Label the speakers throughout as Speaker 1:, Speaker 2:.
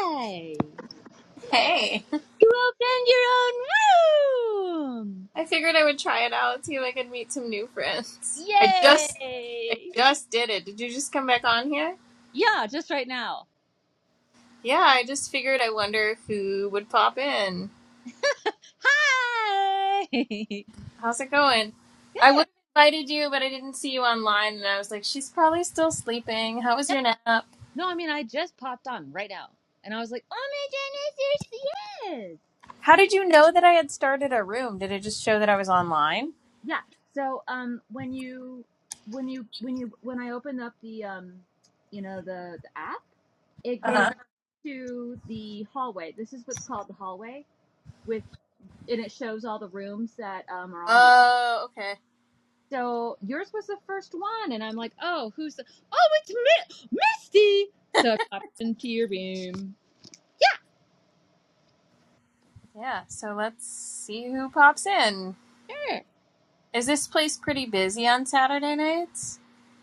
Speaker 1: Yay!
Speaker 2: Hey,
Speaker 1: You opened your own room!
Speaker 2: I figured I would try it out, see if I could meet some new friends. I just, I
Speaker 1: Yay!
Speaker 2: just did it. Did you just come back on here?
Speaker 1: Yeah, just right now.
Speaker 2: Yeah, I just figured. I wonder who would pop in.
Speaker 1: Hi!
Speaker 2: How's it going? I would have invited you, but I didn't see you online, and I was like, she's probably still sleeping. How was
Speaker 1: Yeah.
Speaker 2: your nap?
Speaker 1: no, I mean, I just popped on right now. And I was like, oh my goodness, here she is!
Speaker 2: How did you know that I had started a room? Did it just show that I was online?
Speaker 1: Yeah, so um, when you, when you, when you, when I open up the, um, you know, the, the app, it goes
Speaker 2: Uh-huh.
Speaker 1: to the hallway. This is what's called the hallway with, and it shows all the rooms that um, are on your
Speaker 2: Oh, okay.
Speaker 1: So yours was the first one, and I'm like, oh, who's the? Oh, it's Mi- Misty. So I popped into your room.
Speaker 2: Yeah. So let's see who pops in.
Speaker 1: Sure.
Speaker 2: Is this place pretty busy on Saturday nights?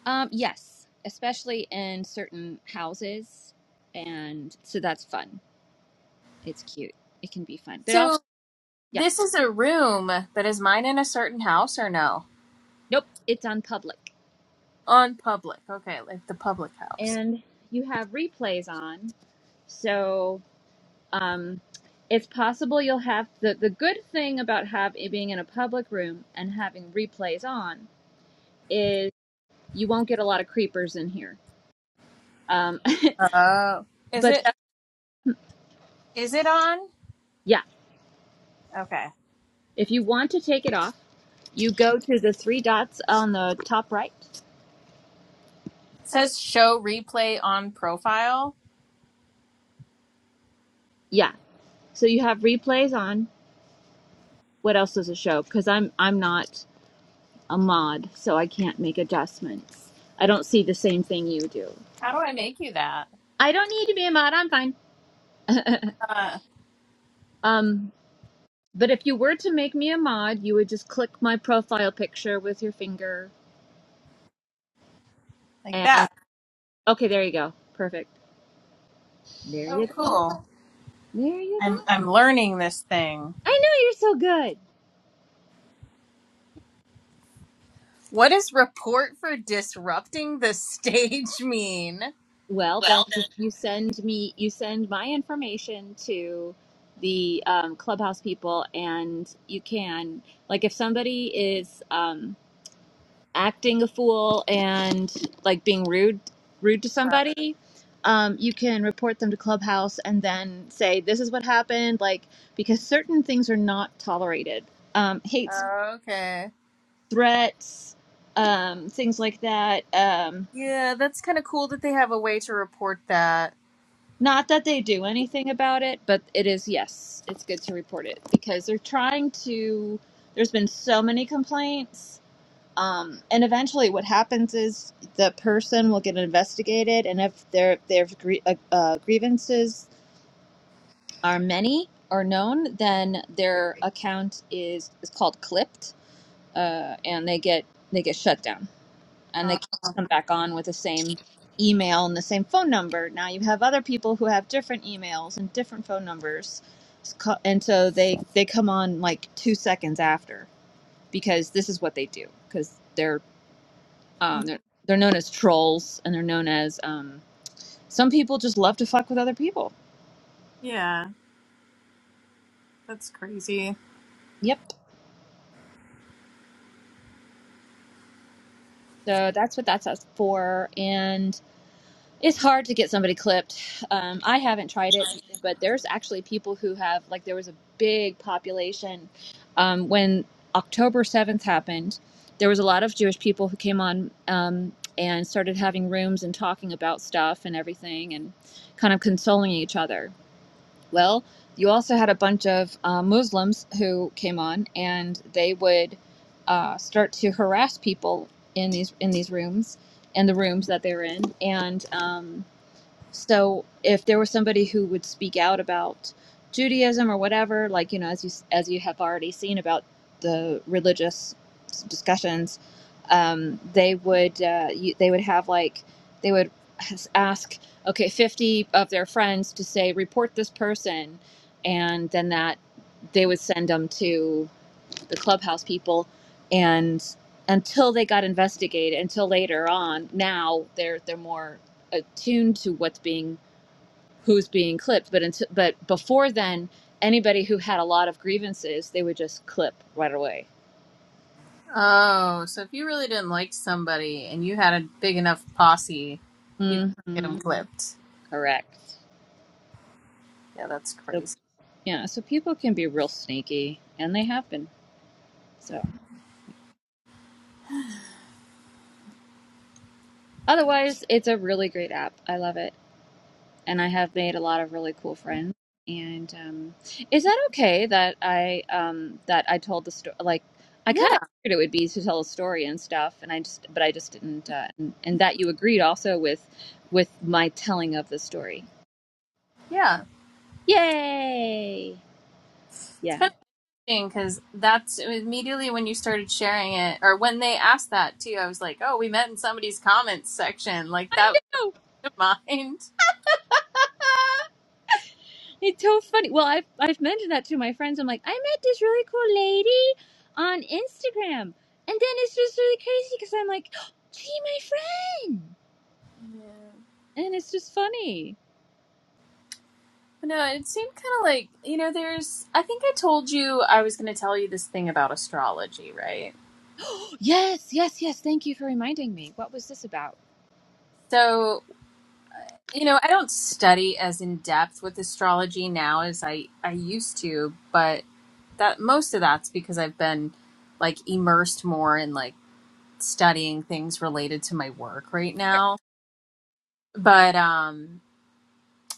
Speaker 1: Um, yes, especially in certain houses, and so that's fun. It's cute. It can be fun, but
Speaker 2: So.
Speaker 1: also, yeah,
Speaker 2: This is a room that is mine in a certain house or no?
Speaker 1: nope, it's on public,
Speaker 2: On public. Okay, like the public house.
Speaker 1: and you have replays on, so um, it's possible you'll have the the good thing about have being in a public room and having replays on is. You won't get a lot of creepers in here. Um,
Speaker 2: Oh. Is
Speaker 1: but
Speaker 2: it
Speaker 1: that,
Speaker 2: is it on?
Speaker 1: yeah,
Speaker 2: Okay.
Speaker 1: if you want to take it off, you go to the three dots on the top right.
Speaker 2: It says show replay on profile.
Speaker 1: Yeah. So you have replays on. What else does it show? Because I'm I'm not a mod, so I can't make adjustments. I don't see the same thing you do.
Speaker 2: How do I make you that?
Speaker 1: I don't need to be a mod. I'm fine.
Speaker 2: Uh,
Speaker 1: um, but if you were to make me a mod, you would just click my profile picture with your finger,
Speaker 2: like
Speaker 1: and
Speaker 2: that.
Speaker 1: okay, there you go. Perfect. There
Speaker 2: Oh
Speaker 1: you go.
Speaker 2: cool.
Speaker 1: There you go.
Speaker 2: I'm I'm learning this thing.
Speaker 1: I know you're so good.
Speaker 2: What does report for disrupting the stage mean?
Speaker 1: Well, then you send me you send my information to the um, clubhouse people, and you can like if somebody is um, acting a fool and like being rude rude to somebody, um, you can report them to clubhouse and then say this is what happened. Like because certain things are not tolerated, um, hate,
Speaker 2: Uh, okay.
Speaker 1: threats, um, things like that. Um,
Speaker 2: Yeah, that's kind of cool that they have a way to report that.
Speaker 1: Not that they do anything about it, but it is, yes, it's good to report it because they're trying to. There's been so many complaints. Um, and eventually, what happens is the person will get investigated, and if their their gr- uh, uh, grievances are many or known, then their account is is called clipped, uh, and they get they get shut down and
Speaker 2: Uh,
Speaker 1: they come back on with the same email and the same phone number. Now you have other people who have different emails and different phone numbers, and so they they come on like two seconds after because this is what they do because they're um, they're they're known as trolls and they're known as um, some people just love to fuck with other people.
Speaker 2: yeah, that's crazy.
Speaker 1: Yep. So that's what that's us for, and It's hard to get somebody clipped. Um, I haven't tried it, but there's actually people who have, like, there was a big population um, when October 7th happened. There was a lot of Jewish people who came on um, and started having rooms and talking about stuff and everything and kind of consoling each other. Well, you also had a bunch of uh, Muslims who came on and they would uh, start to harass people in these in these rooms and the rooms that they're in and um, so if there was somebody who would speak out about Judaism or whatever, like you know, as you as you have already seen about the religious discussions, um, they would uh, you, they would have like they would ask okay 50 of their friends to say report this person and then that they would send them to the clubhouse people and until they got investigated until later on now they're they're more attuned to what's being who's being clipped but until, but before then anybody who had a lot of grievances they would just clip right away
Speaker 2: Oh, so if you really didn't like somebody and you had a big enough posse, you could get
Speaker 1: hmm
Speaker 2: them clipped.
Speaker 1: correct
Speaker 2: Yeah, that's
Speaker 1: so
Speaker 2: crazy.
Speaker 1: yeah so people can be real sneaky and they have been so otherwise it's a really great app i love it and I have made a lot of really cool friends. And um, is that okay that I um, that I told the story? Like, I kind
Speaker 2: Yeah,
Speaker 1: of figured it would be to tell a story and stuff, and I just but I just didn't. Uh, and, and that you agreed also with with my telling of the story.
Speaker 2: yeah.
Speaker 1: Yay!
Speaker 2: It's
Speaker 1: Yeah,
Speaker 2: kind of interesting because that's immediately when you started sharing it, or when they asked that too, I was like, oh, we met in somebody's comments section. Like,
Speaker 1: I
Speaker 2: that was
Speaker 1: know.
Speaker 2: what came to mind.
Speaker 1: It's so funny. Well, I've I've mentioned that to my friends. I'm like, I met this really cool lady on Instagram, and then it's just really crazy because I'm like, she my friend and it's just funny.
Speaker 2: No, it seemed kind of like, you know, there's, I think I told you I was going to tell you this thing about astrology, right?
Speaker 1: yes, yes, yes. Thank you for reminding me. What was this about?
Speaker 2: So. you know i don't study as in depth with astrology now as i i used to but that most of that's because i've been like immersed more in like studying things related to my work right now but um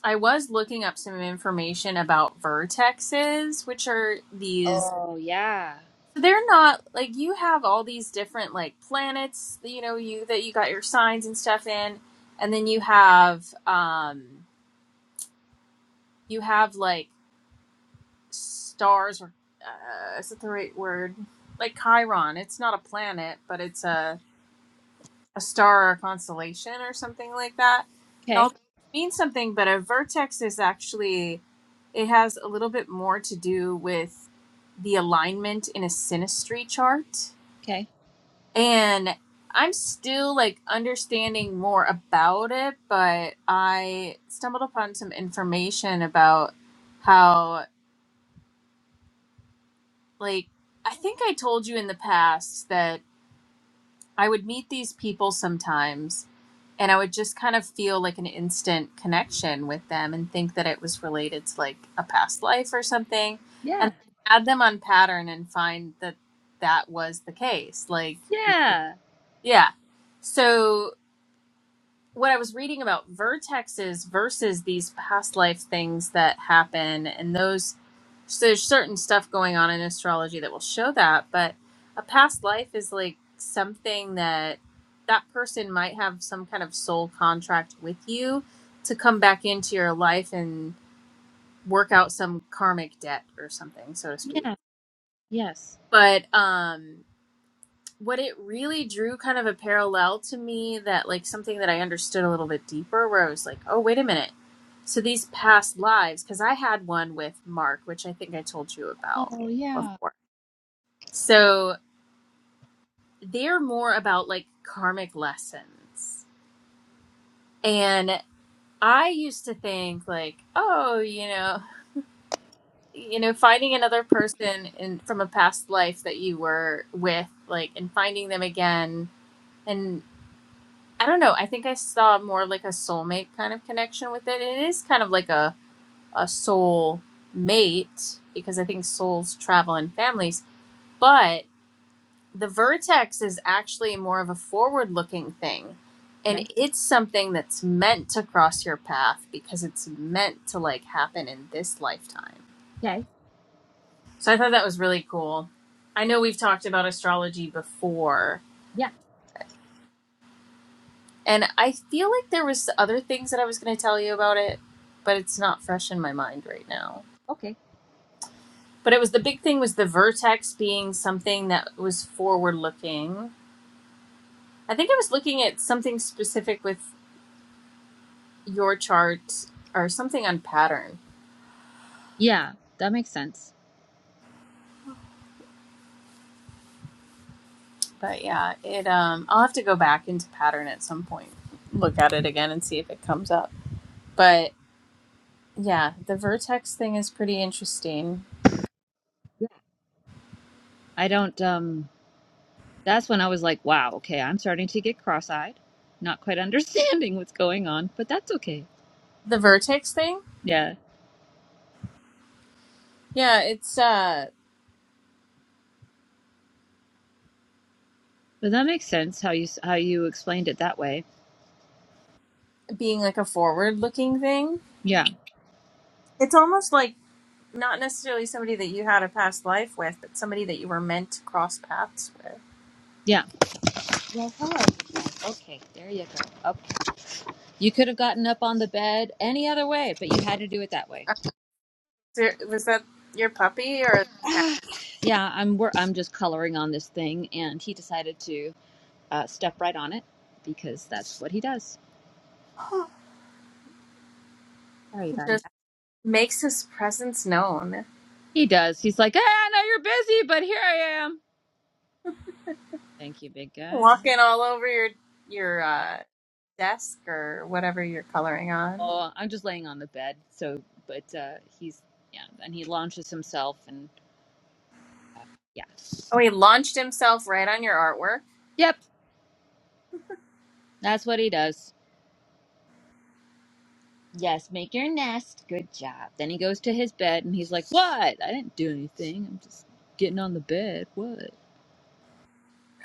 Speaker 2: i was looking up some information about vertexes which are these
Speaker 1: Oh, yeah.
Speaker 2: so they're not like you have all these different like planets you know you that you got your signs and stuff in and then you have um you have like stars or uh, is it the right word? Like Chiron, it's not a planet, but it's a a star or a constellation or something like that. And
Speaker 1: Okay,
Speaker 2: all means something, but a vertex is actually it has a little bit more to do with the alignment in a synastry chart.
Speaker 1: okay.
Speaker 2: And I'm still like understanding more about it, but I stumbled upon some information about how like I think I told you in the past that I would meet these people sometimes and I would just kind of feel like an instant connection with them and think that it was related to like a past life or something and
Speaker 1: Yeah,
Speaker 2: add them on pattern and find that that was the case like we-
Speaker 1: yeah,
Speaker 2: yeah so what I was reading about vertexes versus these past life things that happen, and those so there's certain stuff going on in astrology that will show that, but a past life is like something that that person might have some kind of soul contract with you to come back into your life and work out some karmic debt or something, so to speak.
Speaker 1: yeah, yes.
Speaker 2: But um what it really drew kind of a parallel to me that like something that I understood a little bit deeper where I was like, "Oh, wait a minute so these past lives, because I had one with Mark, which I think I told you about
Speaker 1: Oh, yeah.
Speaker 2: before. So they're more about like karmic lessons. And I used to think like, oh, you know, you know, finding another person in from a past life that you were with, like, and finding them again. And I don't know, I think I saw more like a soulmate kind of connection with it. It is kind of like a, a soul mate because I think souls travel in families but the vertex is actually more of a forward looking thing and
Speaker 1: Okay,
Speaker 2: it's something that's meant to cross your path because it's meant to like happen in this lifetime
Speaker 1: okay.
Speaker 2: so i thought that was really cool i know we've talked about astrology before
Speaker 1: Yeah,
Speaker 2: and i feel like there was other things that i was going to tell you about it but it's not fresh in my mind right now
Speaker 1: okay.
Speaker 2: but it was the big thing was the vertex being something that was forward looking I think I was looking at something specific with your charts or something on pattern.
Speaker 1: Yeah, that makes sense.
Speaker 2: But yeah, it um I'll have to go back into pattern at some point, look at it again and see if it comes up. But yeah, the vertex thing is pretty interesting.
Speaker 1: Yeah. I don't, um, that's when I was like, wow, okay, I'm starting to get cross eyed, not quite understanding what's going on, but that's okay.
Speaker 2: The vertex thing?
Speaker 1: Yeah.
Speaker 2: Yeah, it's uh
Speaker 1: But that makes sense how you s- how you explained it that way.
Speaker 2: being like a forward looking thing.
Speaker 1: Yeah.
Speaker 2: It's almost like not necessarily somebody that you had a past life with, but somebody that you were meant to cross paths with.
Speaker 1: Yeah. Well, hello. Okay, there you go. You could have gotten up on the bed any other way, but you had to do it that way.
Speaker 2: Uh, so, Was that your puppy or yeah,
Speaker 1: Yeah, I'm wor- I'm just coloring on this thing, and he decided to uh, step right on it because that's what he does. Sorry about
Speaker 2: just
Speaker 1: that.
Speaker 2: makes his presence known?
Speaker 1: He does. He's like, "Ah, I know you're busy, but here I am. Thank you, big guy.
Speaker 2: Walking all over your your uh, desk or whatever you're coloring on.
Speaker 1: Oh, I'm just laying on the bed. So, but uh, he's yeah, and he launches himself, and uh, yeah,
Speaker 2: Oh, he launched himself right on your artwork.
Speaker 1: yep, that's what he does. Yes, make your nest. Good job. Then he goes to his bed and he's like, What? I didn't do anything. I'm just getting on the bed. What?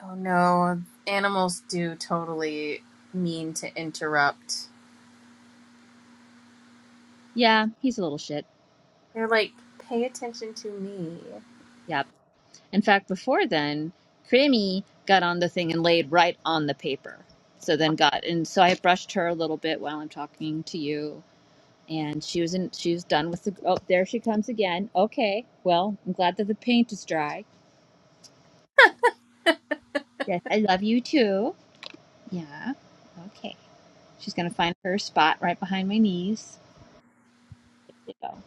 Speaker 2: Oh no, animals do totally mean to interrupt.
Speaker 1: Yeah, he's a little shit.
Speaker 2: They're like, pay attention to me.
Speaker 1: Yep. In fact, before then, Creamy got on the thing and laid right on the paper. So then got and so I brushed her a little bit while I'm talking to you. And she was in she was done with the oh there she comes again. Okay. Well, I'm glad that the paint is dry. Yes, I love you too. Yeah. Okay. She's gonna find her spot right behind my knees. So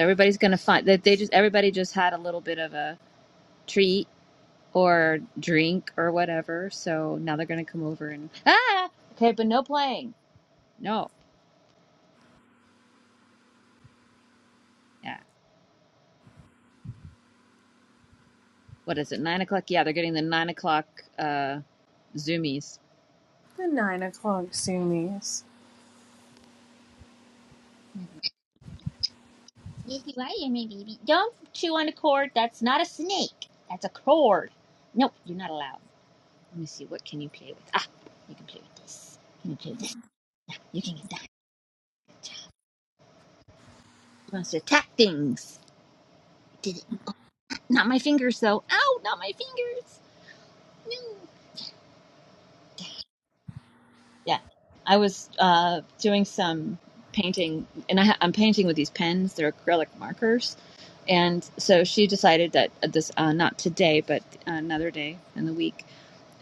Speaker 1: everybody's gonna find that they just everybody just had a little bit of a treat or drink or whatever. So now they're gonna come over and ah okay, but no playing. No. Yeah. What is it? Nine o'clock? Yeah, they're getting the nine o'clock uh zoomies.
Speaker 2: The nine o'clock Zoomies.
Speaker 1: Yes, you are, you're my baby. Don't chew on the cord. That's not a snake. That's a cord. Nope, you're not allowed. Let me see. What can you play with? Ah, you can play with this. You can you play with this. You can get that. He wants to attack things. Did Not my fingers, though. Ow, not my fingers. No. Yeah, I was uh, doing some painting, and I ha- I'm painting with these pens. They're acrylic markers, and so she decided that uh, this uh, not today, but another day in the week,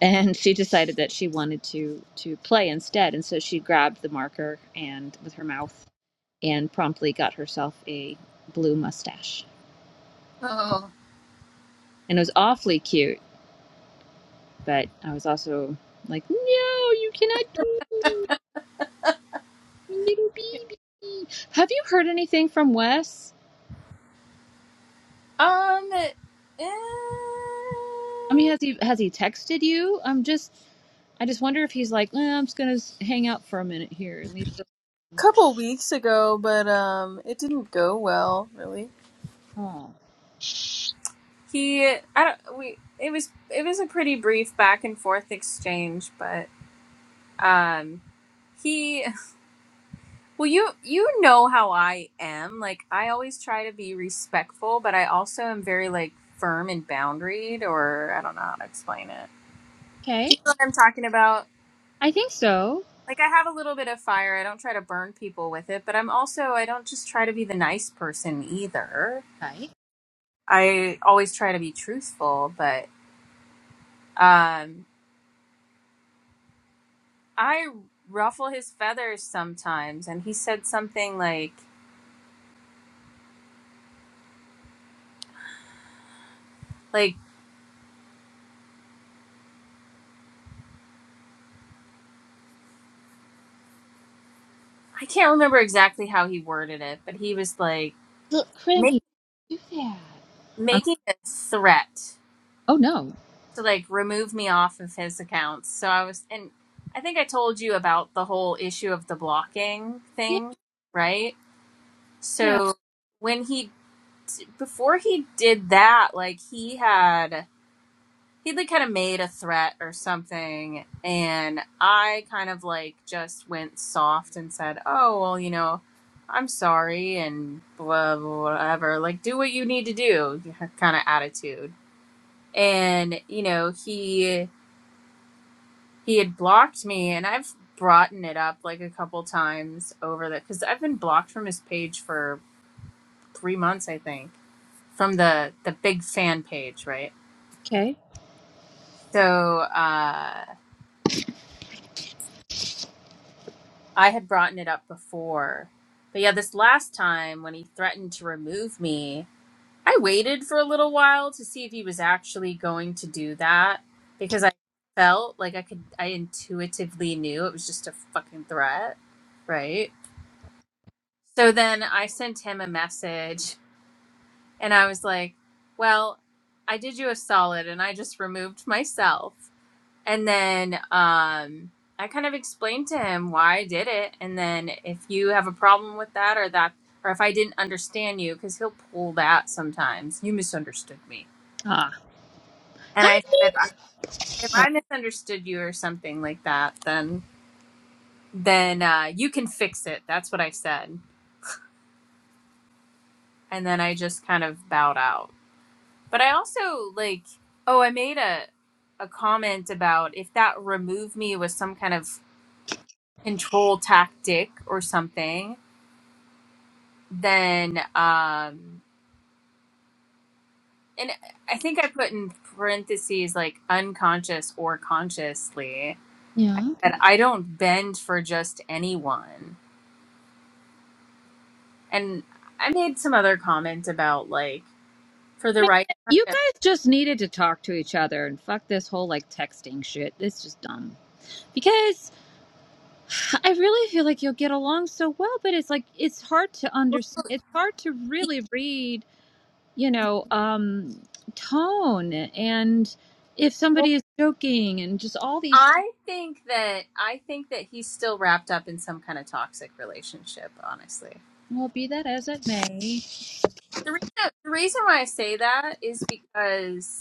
Speaker 1: and she decided that she wanted to to play instead, and so she grabbed the marker and with her mouth and promptly got herself a blue mustache,
Speaker 2: Oh,
Speaker 1: and it was awfully cute. But I was also like, no, you cannot do. Little baby. Have you heard anything from Wes?
Speaker 2: Um, eh,
Speaker 1: I mean, has he has he texted you? I'm just, I just wonder if he's like, eh, I'm just gonna s- hang out for a minute here and leave. Her.
Speaker 2: couple weeks ago, but um, it didn't go well, really.
Speaker 1: Oh,
Speaker 2: he i don't we it was it was a pretty brief back and forth exchange but um he well you you know how i am like i always try to be respectful but i also am very like firm and boundaried or i don't know how to explain it do
Speaker 1: okay.
Speaker 2: you know what i'm talking about
Speaker 1: I think so.
Speaker 2: like i have a little bit of fire i don't try to burn people with it but i'm also i don't just try to be the nice person either
Speaker 1: Okay.
Speaker 2: i always try to be truthful but um I ruffle his feathers sometimes, and he said something like, like I can't remember exactly how he worded it, but he was like
Speaker 1: Look,
Speaker 2: ma-
Speaker 1: Crimmy, do that. I'm,
Speaker 2: making a threat
Speaker 1: oh no.
Speaker 2: to like remove me off of his accounts. So I was, and I think I told you about the whole issue of the blocking
Speaker 1: Yeah.
Speaker 2: thing, right?
Speaker 1: Yeah.
Speaker 2: So when he before he did that, like he had he like kind of made a threat or something and i kind of like just went soft and said oh well you know i'm sorry and blah blah, whatever like do what you need to do kind of attitude and you know he he had blocked me and i've brought it up like a couple times over that because i've been blocked from his page for three months i think from the the big fan page right
Speaker 1: Okay.
Speaker 2: so uh I had brought it up before. But yeah, this last time when he threatened to remove me, I waited for a little while to see if he was actually going to do that because I felt like I could, I intuitively knew it was just a fucking threat, right? So then I sent him a message and I was like, well, I did you a solid and I just removed myself. And then um, I kind of explained to him why I did it. And then if you have a problem with that or that, or if I didn't understand you, because he'll pull that sometimes, you misunderstood me.
Speaker 1: Ah.
Speaker 2: And I
Speaker 1: Hi,
Speaker 2: said, if I,
Speaker 1: babe.
Speaker 2: if
Speaker 1: Oh,
Speaker 2: I misunderstood you or something like that, then then uh, you can fix it. That's what I said. And then I just kind of bowed out. But I also like, oh, I made a a comment about if that remove me was some kind of control tactic or something then um and i think i put in parentheses like unconscious or consciously i
Speaker 1: yeah.
Speaker 2: said i don't bend for just anyone and i made some other comment about like for the
Speaker 1: Man,
Speaker 2: right
Speaker 1: You guys just needed to talk to each other and fuck this whole like texting shit. It's just dumb. Because I really feel like you'll get along so well, but it's like it's hard to understand. It's hard to really read, you know, um, tone and if
Speaker 2: Well,
Speaker 1: somebody is joking and just all these. Th-
Speaker 2: i think that i think that he's still wrapped up in some kind of toxic relationship honestly
Speaker 1: well, be that as it may,
Speaker 2: the reason, the reason why i say that is because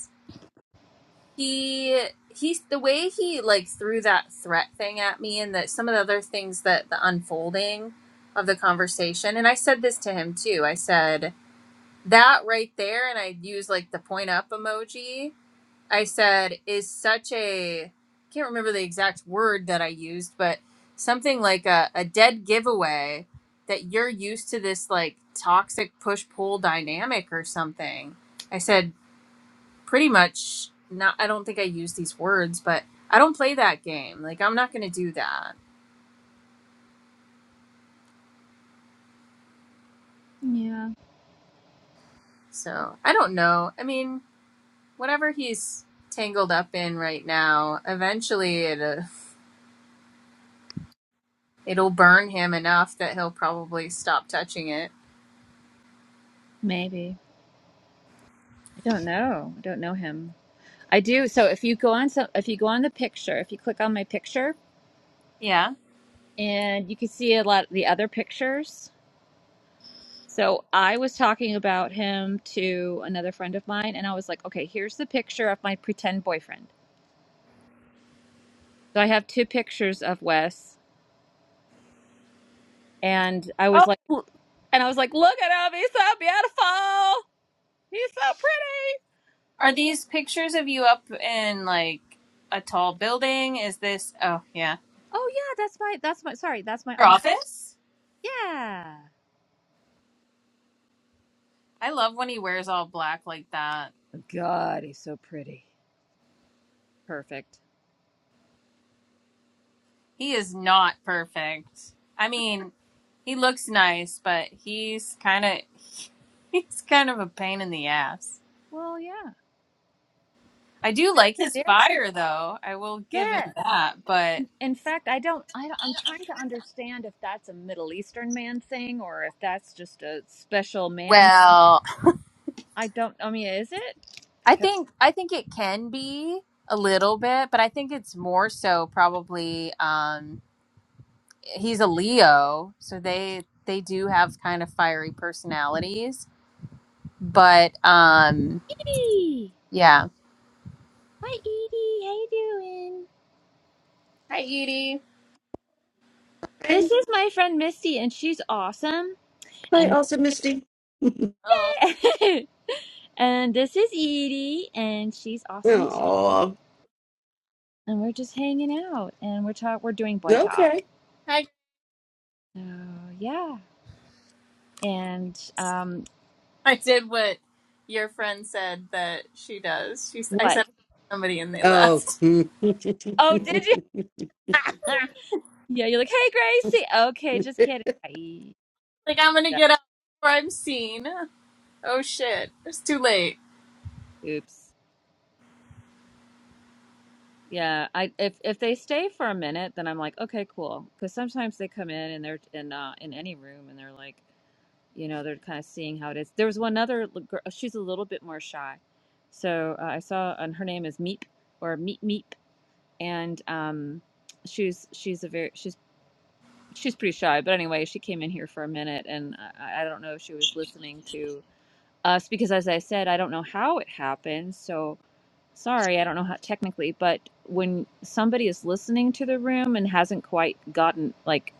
Speaker 2: he he's the way he like threw that threat thing at me and that some of the other things that the unfolding of the conversation and i said this to him too i said that right there and i used like the point up emoji i said is such a i can't remember the exact word that i used but something like a, a dead giveaway that you're used to this like toxic push pull dynamic or something i said pretty much not i don't think i use these words but i don't play that game like i'm not going to do that
Speaker 1: yeah,
Speaker 2: so i don't know i mean whatever he's tangled up in right now eventually it, uh, it'll burn him enough that he'll probably stop touching it
Speaker 1: maybe I don't know. I don't know him. I do. So if you go on some, if you go on the picture, if you click on my picture,
Speaker 2: yeah
Speaker 1: and you can see a lot of the other pictures So I was talking about him to another friend of mine, and I was like, okay, here's the picture of my pretend boyfriend. So I have two pictures of Wes, and I was
Speaker 2: oh
Speaker 1: like, "L- and I was like, look at him, he's so beautiful, he's so pretty.
Speaker 2: are these pictures of you up in like a tall building is this oh yeah
Speaker 1: Oh yeah, that's my that's my sorry, that's my
Speaker 2: your
Speaker 1: off.
Speaker 2: office
Speaker 1: Yeah,
Speaker 2: i love when he wears all black like that
Speaker 1: God, he's so pretty. Perfect.
Speaker 2: he is not perfect i mean He looks nice, but he's kind of he's kind of a pain in the ass.
Speaker 1: Well, yeah.
Speaker 2: I do
Speaker 1: Yeah.
Speaker 2: like his
Speaker 1: There.
Speaker 2: fire though. I will give him
Speaker 1: Yes.
Speaker 2: that, but
Speaker 1: In fact, I don't, I don't. I'm trying to understand if that's a Middle Eastern man thing or if that's just a special man.
Speaker 2: well,
Speaker 1: I don't. I mean, is it?
Speaker 2: I
Speaker 1: 'Cause-
Speaker 2: think I think it can be a little bit, but I think it's more so probably um he's a Leo, so they they do have kind of fiery personalities, but um
Speaker 1: Hey,
Speaker 2: yeah.
Speaker 1: hi Edie, how you doing?
Speaker 2: Hi Edie.
Speaker 3: Hi,
Speaker 1: This is my friend Misty, and she's awesome.
Speaker 3: hi,
Speaker 1: And
Speaker 3: also Misty.
Speaker 2: Oh.
Speaker 1: and this is Edie, and she's awesome too.
Speaker 3: oh,
Speaker 1: And we're just hanging out, and we're talk. We're doing boy
Speaker 3: okay.
Speaker 1: talk. So yeah. And um,
Speaker 2: I did what your friend said that she does. She, I said
Speaker 1: what?
Speaker 2: somebody and they
Speaker 3: Oh,
Speaker 2: left.
Speaker 3: yeah,
Speaker 1: Oh, did you? Yeah, you're like, "Hey, Gracie." Okay, just kidding. Ay,
Speaker 2: Like I'm gonna get out before I'm seen. Oh shit, it's too late.
Speaker 1: Oops. Yeah, I if if they stay for a minute, then I'm like, "Okay, cool." Because sometimes they come in and they're in uh, in any room and they're like, you know, they're kind of seeing how it is. There was one other li- girl. She's a little bit more shy, so uh, I saw, and her name is Meep or Meep Meep, and um, she's she's a very she's she's pretty shy. But anyway, she came in here for a minute, and I, I don't know if she was listening to. us because as I said, I don't know how it happens. So sorry, I don't know how technically, but when somebody is listening to the room and hasn't quite gotten like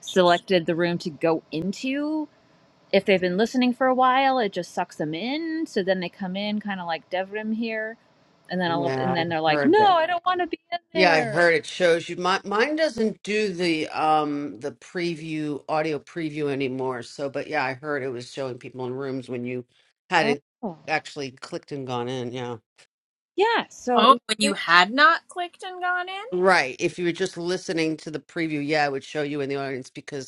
Speaker 1: selected the room to go into, if they've been listening for a while, it just sucks them in. So then they come in kind of like Devrim here, and then all of, and
Speaker 3: I
Speaker 1: then they're like,
Speaker 3: heard
Speaker 1: "No,
Speaker 3: that.
Speaker 1: I don't want to be in
Speaker 3: Yeah, I
Speaker 1: there."
Speaker 3: heard it shows you. My, mine doesn't do the um the preview audio preview anymore. So, but yeah, I heard it was showing people in rooms when you had
Speaker 1: Oh,
Speaker 3: it actually clicked and gone in. Yeah,
Speaker 1: yeah. So it
Speaker 2: Oh,
Speaker 1: was
Speaker 2: when
Speaker 1: very,
Speaker 2: you had not clicked and gone in?
Speaker 3: right. If you were just listening to the preview, yeah, it would show you in the audience because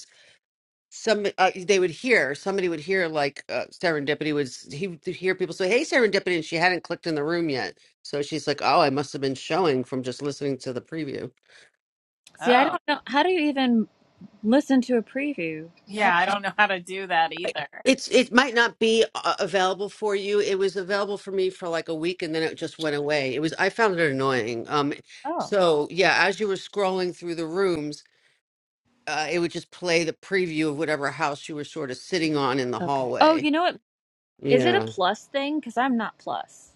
Speaker 3: some uh, they would hear somebody would hear like uh, serendipity was he would hear people say hey serendipity and she hadn't clicked in the room yet so she's like oh i must have been showing from just listening to the preview
Speaker 1: see, I
Speaker 2: Oh.
Speaker 1: don't know how do you even listen to a preview? How
Speaker 2: Yeah,
Speaker 1: do,
Speaker 2: I don't know how to do that either.
Speaker 3: it's it might not be uh, available for you it was available for me for like a week and then it just went away it was i found it annoying um
Speaker 1: oh,
Speaker 3: so yeah as you were scrolling through the rooms uh, it would just play the preview of whatever house you were sort of sitting on in the
Speaker 1: okay. Oh,
Speaker 3: hallway
Speaker 1: you know what? Is it a
Speaker 3: yeah
Speaker 1: plus thing? Because I'm not plus.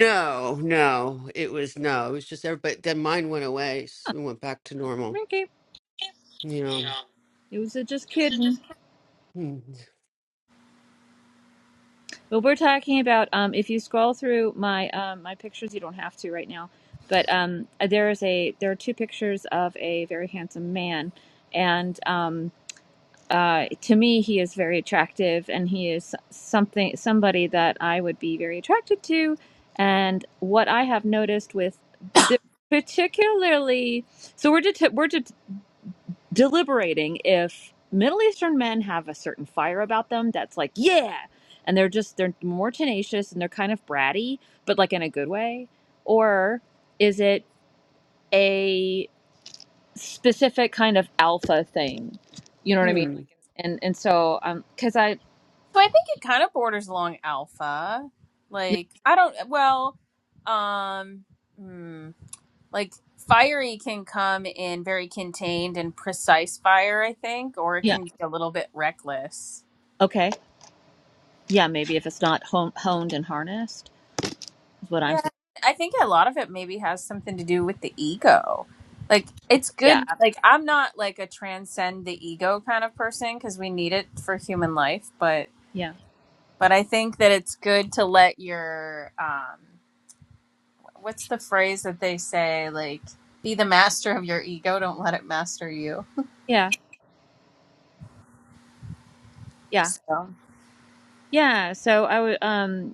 Speaker 3: No, no, it was no, it was just there. But then mine went away, s it went back to normal.
Speaker 1: Okay.
Speaker 3: You
Speaker 1: It was a just kidding.
Speaker 3: know, hmm.
Speaker 1: But we're talking about um, if you scroll through my um, my pictures, you don't have to right now. But um, uh, there is a there are two pictures of a very handsome man, and um, uh, to me he is very attractive, and he is something somebody that I would be very attracted to. And what I have noticed with the particularly so we're det- we're det- deliberating if Middle Eastern men have a certain fire about them that's like, yeah, and they're just they're more tenacious and they're kind of bratty, but like in a good way, or is it a specific kind of alpha thing? You know what I mean?
Speaker 3: Hmm.
Speaker 1: Like, and and so um, because I
Speaker 2: So I think it kind of borders along alpha.
Speaker 1: yeah,
Speaker 2: Like, I don't, well, um, hmm, like fiery can come in very contained and precise fire, I think, or it
Speaker 1: yeah
Speaker 2: can be a little bit reckless.
Speaker 1: okay yeah maybe if it's not hon- honed and harnessed is what I'm
Speaker 2: Yeah,
Speaker 1: thinking.
Speaker 2: I think a lot of it maybe has something to do with the ego. Like it's
Speaker 1: Yeah
Speaker 2: good like I'm not like a transcend the ego kind of person cuz we need it for human life, but
Speaker 1: yeah
Speaker 2: but I think that it's good to let your um what's the phrase that they say like be the master of your ego, don't let it master you.
Speaker 1: yeah yeah
Speaker 2: So,
Speaker 1: yeah. So I would um.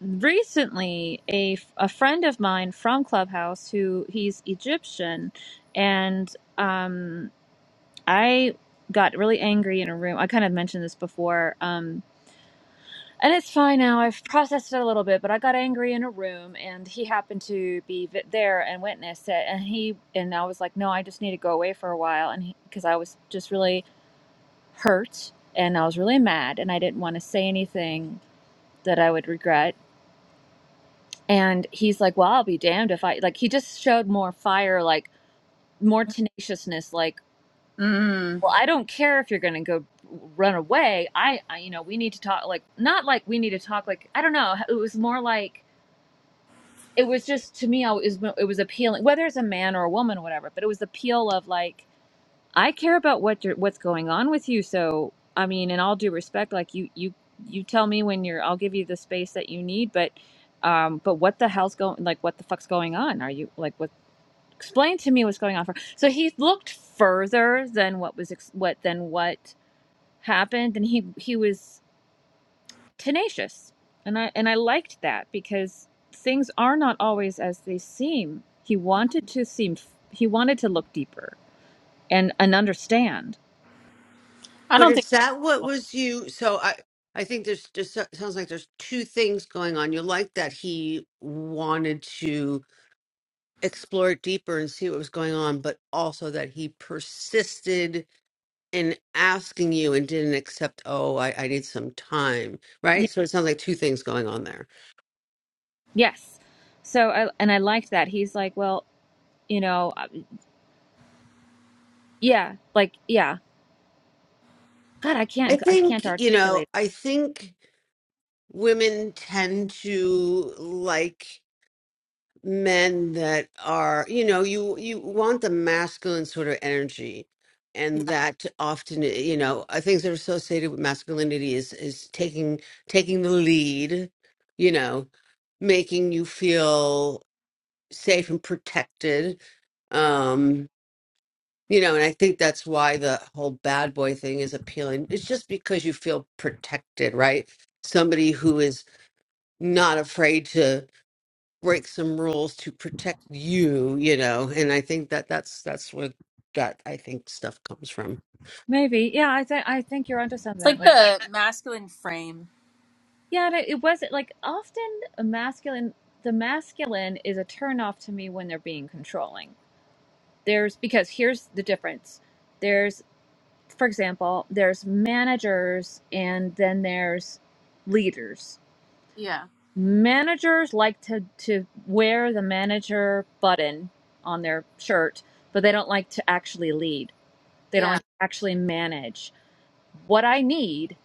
Speaker 1: recently a a friend of mine from clubhouse who he's egyptian and um, i got really angry in a room i kind of mentioned this before um, and it's fine now i've processed it a little bit but i got angry in a room and he happened to be vi- there and witnessed it and he and i was like no i just need to go away for a while and because i was just really hurt and i was really mad and i didn't want to say anything that i would regret and he's like well i'll be damned if i like he just showed more fire like more tenaciousness like
Speaker 2: mm,
Speaker 1: well i don't care if you're gonna go run away i, I you know we need to talk like not like we need to talk like i don't know it was more like it was just to me I was, it was appealing whether it's a man or a woman or whatever but it was the appeal of like i care about what you're what's going on with you so i mean in all due respect like you you you tell me when you're i'll give you the space that you need but um but what the hell's going like what the fuck's going on are you like explain to me what's going on for so he looked further than what was ex- what than what happened and he he was tenacious and i and i liked that because things are not always as they seem he wanted to seem he wanted to look deeper and and understand
Speaker 2: I
Speaker 3: But
Speaker 2: don't think
Speaker 3: is that what was you? So I, I think there's just so- sounds like there's two things going on. You like that he wanted to explore it deeper and see what was going on, but also that he persisted in asking you and didn't accept. Oh, I, I need some time,
Speaker 1: Ye-
Speaker 3: right? So it sounds like two things going on there.
Speaker 1: yes so i and i liked that he's like well you know uh, yeah like yeah god i
Speaker 3: I
Speaker 1: can't i can't
Speaker 3: think you know.
Speaker 1: articulate
Speaker 3: I think. women tend to like men that are you know you you want the masculine sort of energy
Speaker 2: yeah.
Speaker 3: and that often you know uh, things that are associated with masculinity is is taking taking the lead you know making you feel safe and protected um you know and i think that's why the whole bad boy thing is appealing it's just because you feel protected right somebody who is not afraid to break some rules to protect you you know and i think that that's that's where that i think stuff comes from
Speaker 1: maybe yeah i think i think you're onto
Speaker 2: it's
Speaker 1: something
Speaker 2: like
Speaker 1: like
Speaker 2: the masculine frame.
Speaker 1: Yeah, and it, it wasn't like often a masculine, the masculine is a turnoff to me when they're being controlling. There's because here's the difference. There's, for example, there's managers and then there's leaders.
Speaker 2: Yeah.
Speaker 1: Managers like to to wear the manager button on their shirt, but they don't like to actually lead. They don't
Speaker 2: Yeah.
Speaker 1: like to actually manage what I need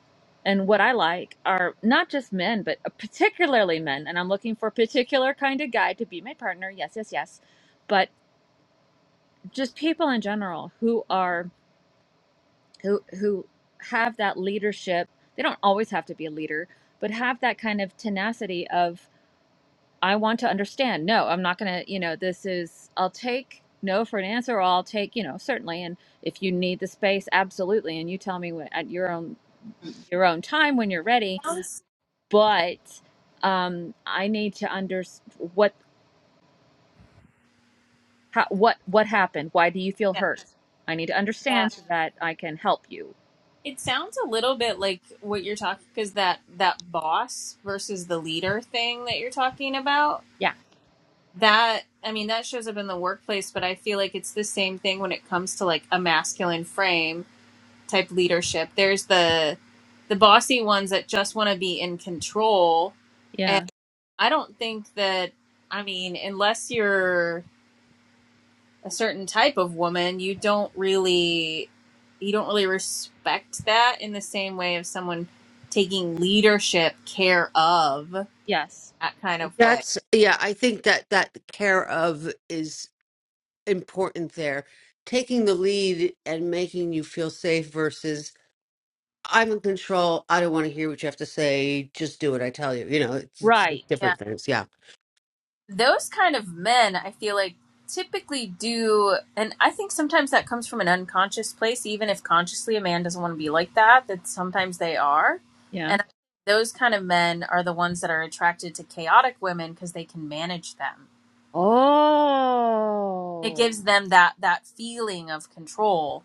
Speaker 1: and what I like are not just men, but particularly men. And I'm looking for a particular kind of guy to be my partner. Yes, yes, yes. But just people in general who are who who have that leadership. They don't always have to be a leader, but have that kind of tenacity of I want to understand. No, I'm not going to, you know, this is I'll take no for an answer or I'll take, you know, certainly and if you need the space absolutely and you tell me wh- at your own your own time when you're ready
Speaker 2: Sounds-
Speaker 1: but um, I need to understand what how, what what happened. Why do you feel hurt? I need to
Speaker 2: Yeah.
Speaker 1: understand so that I can help you.
Speaker 2: It sounds a little bit like what you're talking because that that boss versus the leader thing that you're talking about.
Speaker 1: Yeah,
Speaker 2: That I mean that shows up in the workplace, but I feel like it's the same thing when it comes to like a masculine frame type leadership. There's the the bossy ones that just want to be in control, and
Speaker 1: yeah,
Speaker 2: I don't think that I mean unless you're a certain type of woman, you don't really you don't really respect that in the same way of someone taking leadership care of that
Speaker 1: yes,
Speaker 2: kind of way.
Speaker 3: that's yeah i think that that care of is important there taking the lead and making you feel safe versus i'm in control i don't want to hear what you have to say just do what i tell you you know it's, it's,
Speaker 1: right,
Speaker 3: it's
Speaker 2: Yeah.
Speaker 3: different things yeah
Speaker 2: Those kind of men, I feel like typically do and I think sometimes that comes from an unconscious place even if consciously a man doesn't want to be like that, that sometimes they are.
Speaker 1: yeah.
Speaker 2: And those kind of men are the ones that are attracted to chaotic women because they can manage them. It
Speaker 1: Oh,
Speaker 2: gives them that that feeling of control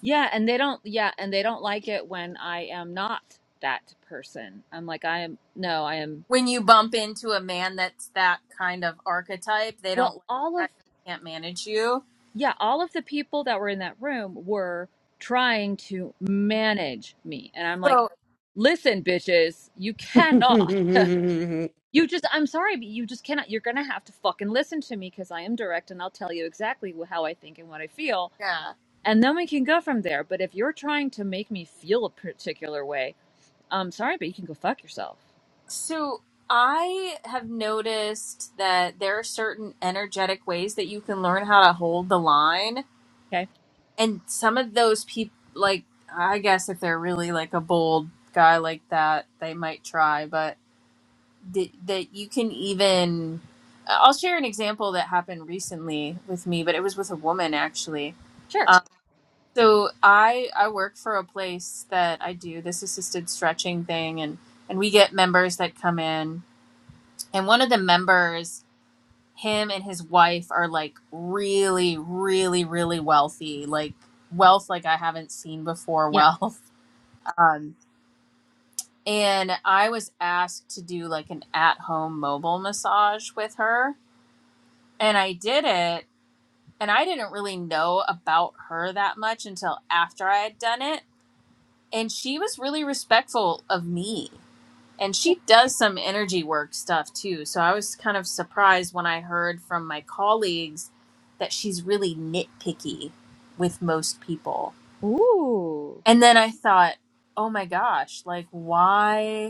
Speaker 1: yeah, and they don't. Yeah, and they don't like it when I am not that person. I'm like I am. No, I am.
Speaker 2: when you bump into a man that's that kind of archetype, they
Speaker 1: Well,
Speaker 2: don't like
Speaker 1: all
Speaker 2: that
Speaker 1: of
Speaker 2: can't manage you.
Speaker 1: yeah, all of the people that were in that room were trying to manage me. And I'm like,
Speaker 2: So
Speaker 1: listen, bitches, you cannot. You just, I'm sorry, but you just cannot. You're going to have to fucking listen to me because I am direct and I'll tell you exactly wh- how I think and what I feel.
Speaker 2: yeah.
Speaker 1: And then we can go from there. But if you're trying to make me feel a particular way, I'm sorry, but you can go fuck yourself.
Speaker 2: So I have noticed that there are certain energetic ways that you can learn how to hold the line,
Speaker 1: Okay.
Speaker 2: and some of those people, like I guess if they're really like a bold guy like that, they might try, but th- that you can even. I'll share an example that happened recently with me, but it was with a woman actually
Speaker 1: Sure.
Speaker 2: So I I work for a place that I do this assisted stretching thing and and we get members that come in and one of the members him and his wife are like really really really wealthy like wealth like I haven't seen before
Speaker 1: Yeah.
Speaker 2: wealth um and I was asked to do like an at-home mobile massage with her and I did it and I didn't really know about her that much until after I had done it and she was really respectful of me and she does some energy work stuff too so i was kind of surprised when i heard from my colleagues that she's really nitpicky with most people
Speaker 1: Ooh.
Speaker 2: and then i thought oh my gosh like why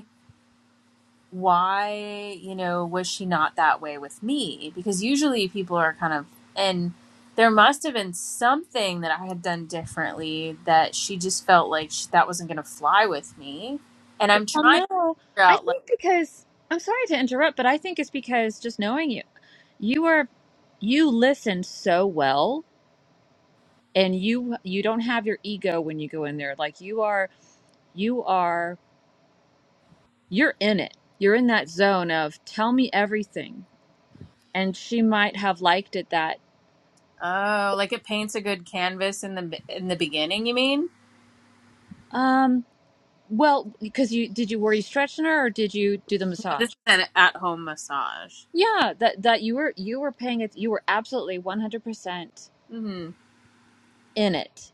Speaker 2: why you know was she not that way with me because usually people are kind of and there must have been something that i had done differently that she just felt like sh that wasn't going to fly with me and i'm
Speaker 1: Well,
Speaker 2: trying to
Speaker 1: no,
Speaker 2: figure
Speaker 1: I
Speaker 2: out like
Speaker 1: think because I'm sorry to interrupt, but I think it's because just knowing you, you are, you listen so well, and you you don't have your ego when you go in there. Like you are, you are, you're in it. You're in that zone of tell me everything, and she might have liked it that.
Speaker 2: oh like it paints a good canvas in the in the beginning you mean
Speaker 1: Um, well, because you did you were you stretching her or did you do the
Speaker 2: no, this
Speaker 1: massage?
Speaker 2: is an at-home massage
Speaker 1: Yeah, that that you were you were paying it. You were absolutely 100 percent
Speaker 2: hmm
Speaker 1: in it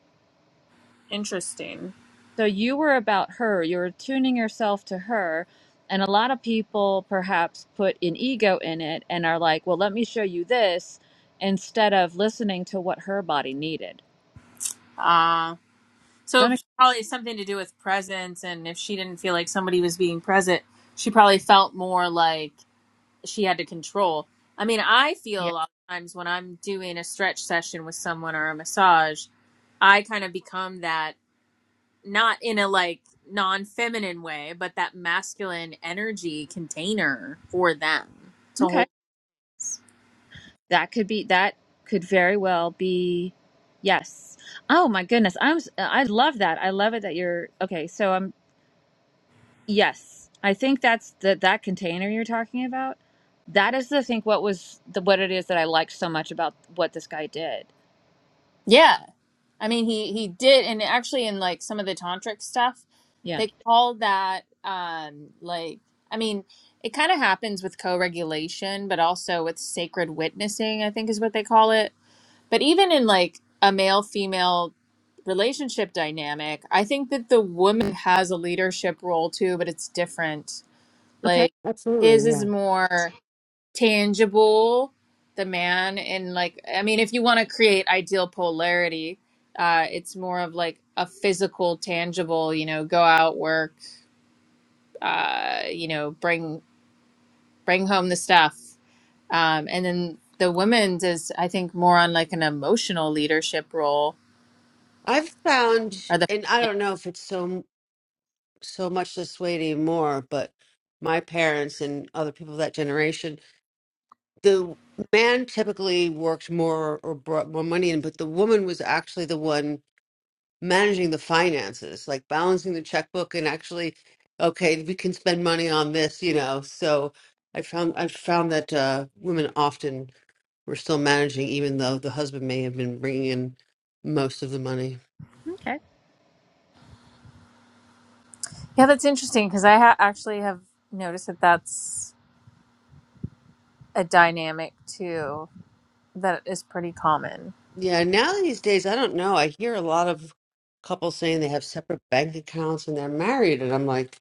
Speaker 2: interesting
Speaker 1: So you were about her, you were tuning yourself to her. And a lot of people perhaps put an ego in it and are like, well, let me show you this instead of listening to what her body needed.
Speaker 2: uh so
Speaker 1: Does that
Speaker 2: it
Speaker 1: make
Speaker 2: probably has something to do with presence and if she didn't feel like somebody was being present she probably felt more like she had to control. I mean, I feel a
Speaker 1: Yeah.
Speaker 2: lot of times when I'm doing a stretch session with someone or a massage, I kind of become that not in a like non feminine way, but that masculine energy container for them to
Speaker 1: Okay.
Speaker 2: hold.
Speaker 1: That could be, that could very well be, yes. Oh my goodness. I'm, s- I love that. I love it that you're, okay. So I'm, yes. I think that's the, that container you're talking about. That is, I think, what was the, what it is that I liked so much about what this guy did.
Speaker 2: Yeah. I mean he he did and actually in like some of the tantric stuff,
Speaker 1: Yeah.
Speaker 2: they call that um like I mean, it kind of happens with co-regulation, but also with sacred witnessing, I think is what they call it. But even in like a male female relationship dynamic, I think that the woman has a leadership role too, but it's different.
Speaker 1: Okay.
Speaker 2: Like his
Speaker 3: absolutely
Speaker 2: is
Speaker 3: yeah
Speaker 2: more tangible, the man, and like, I mean, if you want to create ideal polarity, uh, it's more of like a physical, tangible, you know, go out, work, uh, you know, bring bring home the stuff. Um, and then the woman's is, I think, more on like an emotional leadership role
Speaker 3: i've found
Speaker 2: or the
Speaker 3: and i don't know if it's so so much this way anymore, but my parents and other people of that generation, the man typically worked more or brought more money in, but the woman was actually the one managing the finances, like balancing the checkbook and actually, okay, we can spend money on this, you know. So I found I found that uh, women often were still managing, even though the husband may have been bringing in most of the money.
Speaker 1: Okay.
Speaker 2: Yeah, that's interesting because I ha- actually have noticed that that's a dynamic too that is pretty common.
Speaker 3: Yeah, now these days, I don't know. I hear a lot of couples saying they have separate bank accounts and they're married, and I'm like,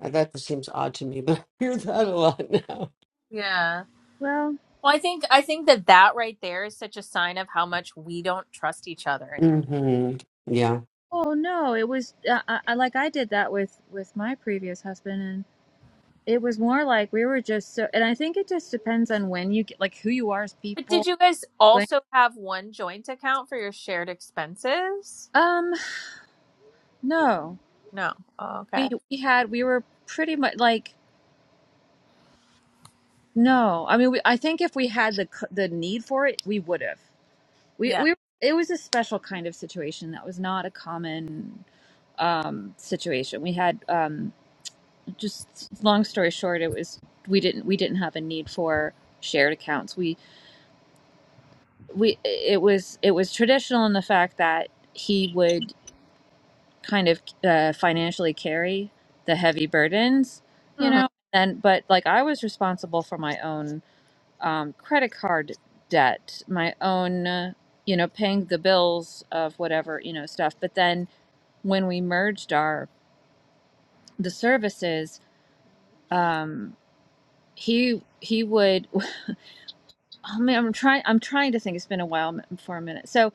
Speaker 3: uh, that just seems odd to me, but I hear that a lot now.
Speaker 2: Yeah.
Speaker 1: Well,
Speaker 2: Well, I think I think that that right there is such a sign of how much we don't trust each other anymore.
Speaker 3: hmm Yeah.
Speaker 1: oh no, it was uh, I, I like I did that with with my previous husband, and it was more like we were just so. And I think it just depends on when you get like who you are as
Speaker 2: But
Speaker 1: people.
Speaker 2: did you guys
Speaker 1: When
Speaker 2: also have one joint account for your shared expenses?
Speaker 1: um no,
Speaker 2: No. Oh,
Speaker 1: we
Speaker 2: okay.
Speaker 1: we had we were pretty much like no. I mean, we, I think if we had the c- the need for it, we would have. We
Speaker 2: Yeah.
Speaker 1: we it was a special kind of situation that was not a common um situation. We had um just long story short it was we didn't we didn't have a need for shared accounts we we it was it was traditional in the fact that he would kind of uh, financially carry the heavy burdens you
Speaker 2: hmm
Speaker 1: know and but like i was responsible for my own um, credit card debt my own uh, you know paying the bills of whatever you know stuff but then when we merged our the services um he he would I mean, I'm trying. I'm trying to think. It's been a while m- for a minute. So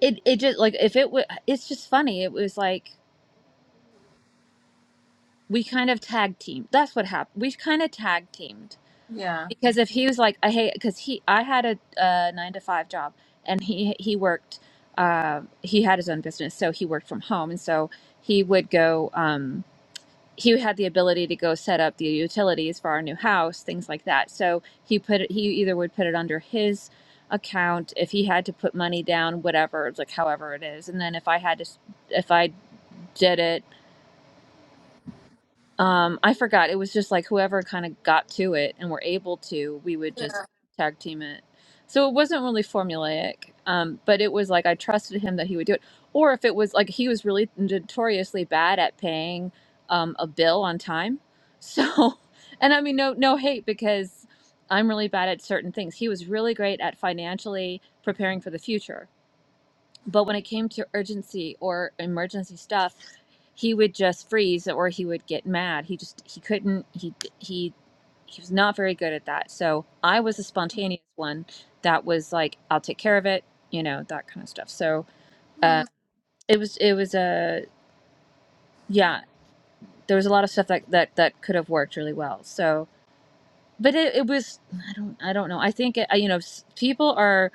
Speaker 1: it it just like if it would. It's just funny. It was like we kind of tag teamed. That's what happened. We kind of tag teamed
Speaker 2: Yeah.
Speaker 1: because if he was like, I hate because he I had a, uh nine to five job and he he worked. Uh, he had his own business, so he worked from home, and so he would go. Um, he had the ability to go set up the utilities for our new house, things like that. So he put it, he either would put it under his account if he had to put money down, whatever, it's like however it is. And then if I had to, s- if I did it um, I forgot. It was just like whoever kind of got to it and were able to, we would just tag team it. So it wasn't really formulaic, um, but it was like I trusted him that he would do it. Or if it was like he was really notoriously bad at paying um, a bill on time. So, and I mean, no, no hate because I'm really bad at certain things. He was really great at financially preparing for the future but when it came to urgency or emergency stuff he would just freeze or he would get mad he just he couldn't he he he was not very good at that so i was a spontaneous one that was like i'll take care of it you know that kind of stuff so um,
Speaker 2: Mm.
Speaker 1: it was it was a yeah there was a lot of stuff that that that could have worked really well so but it, it was i don't i don't know i think it, you know s- people are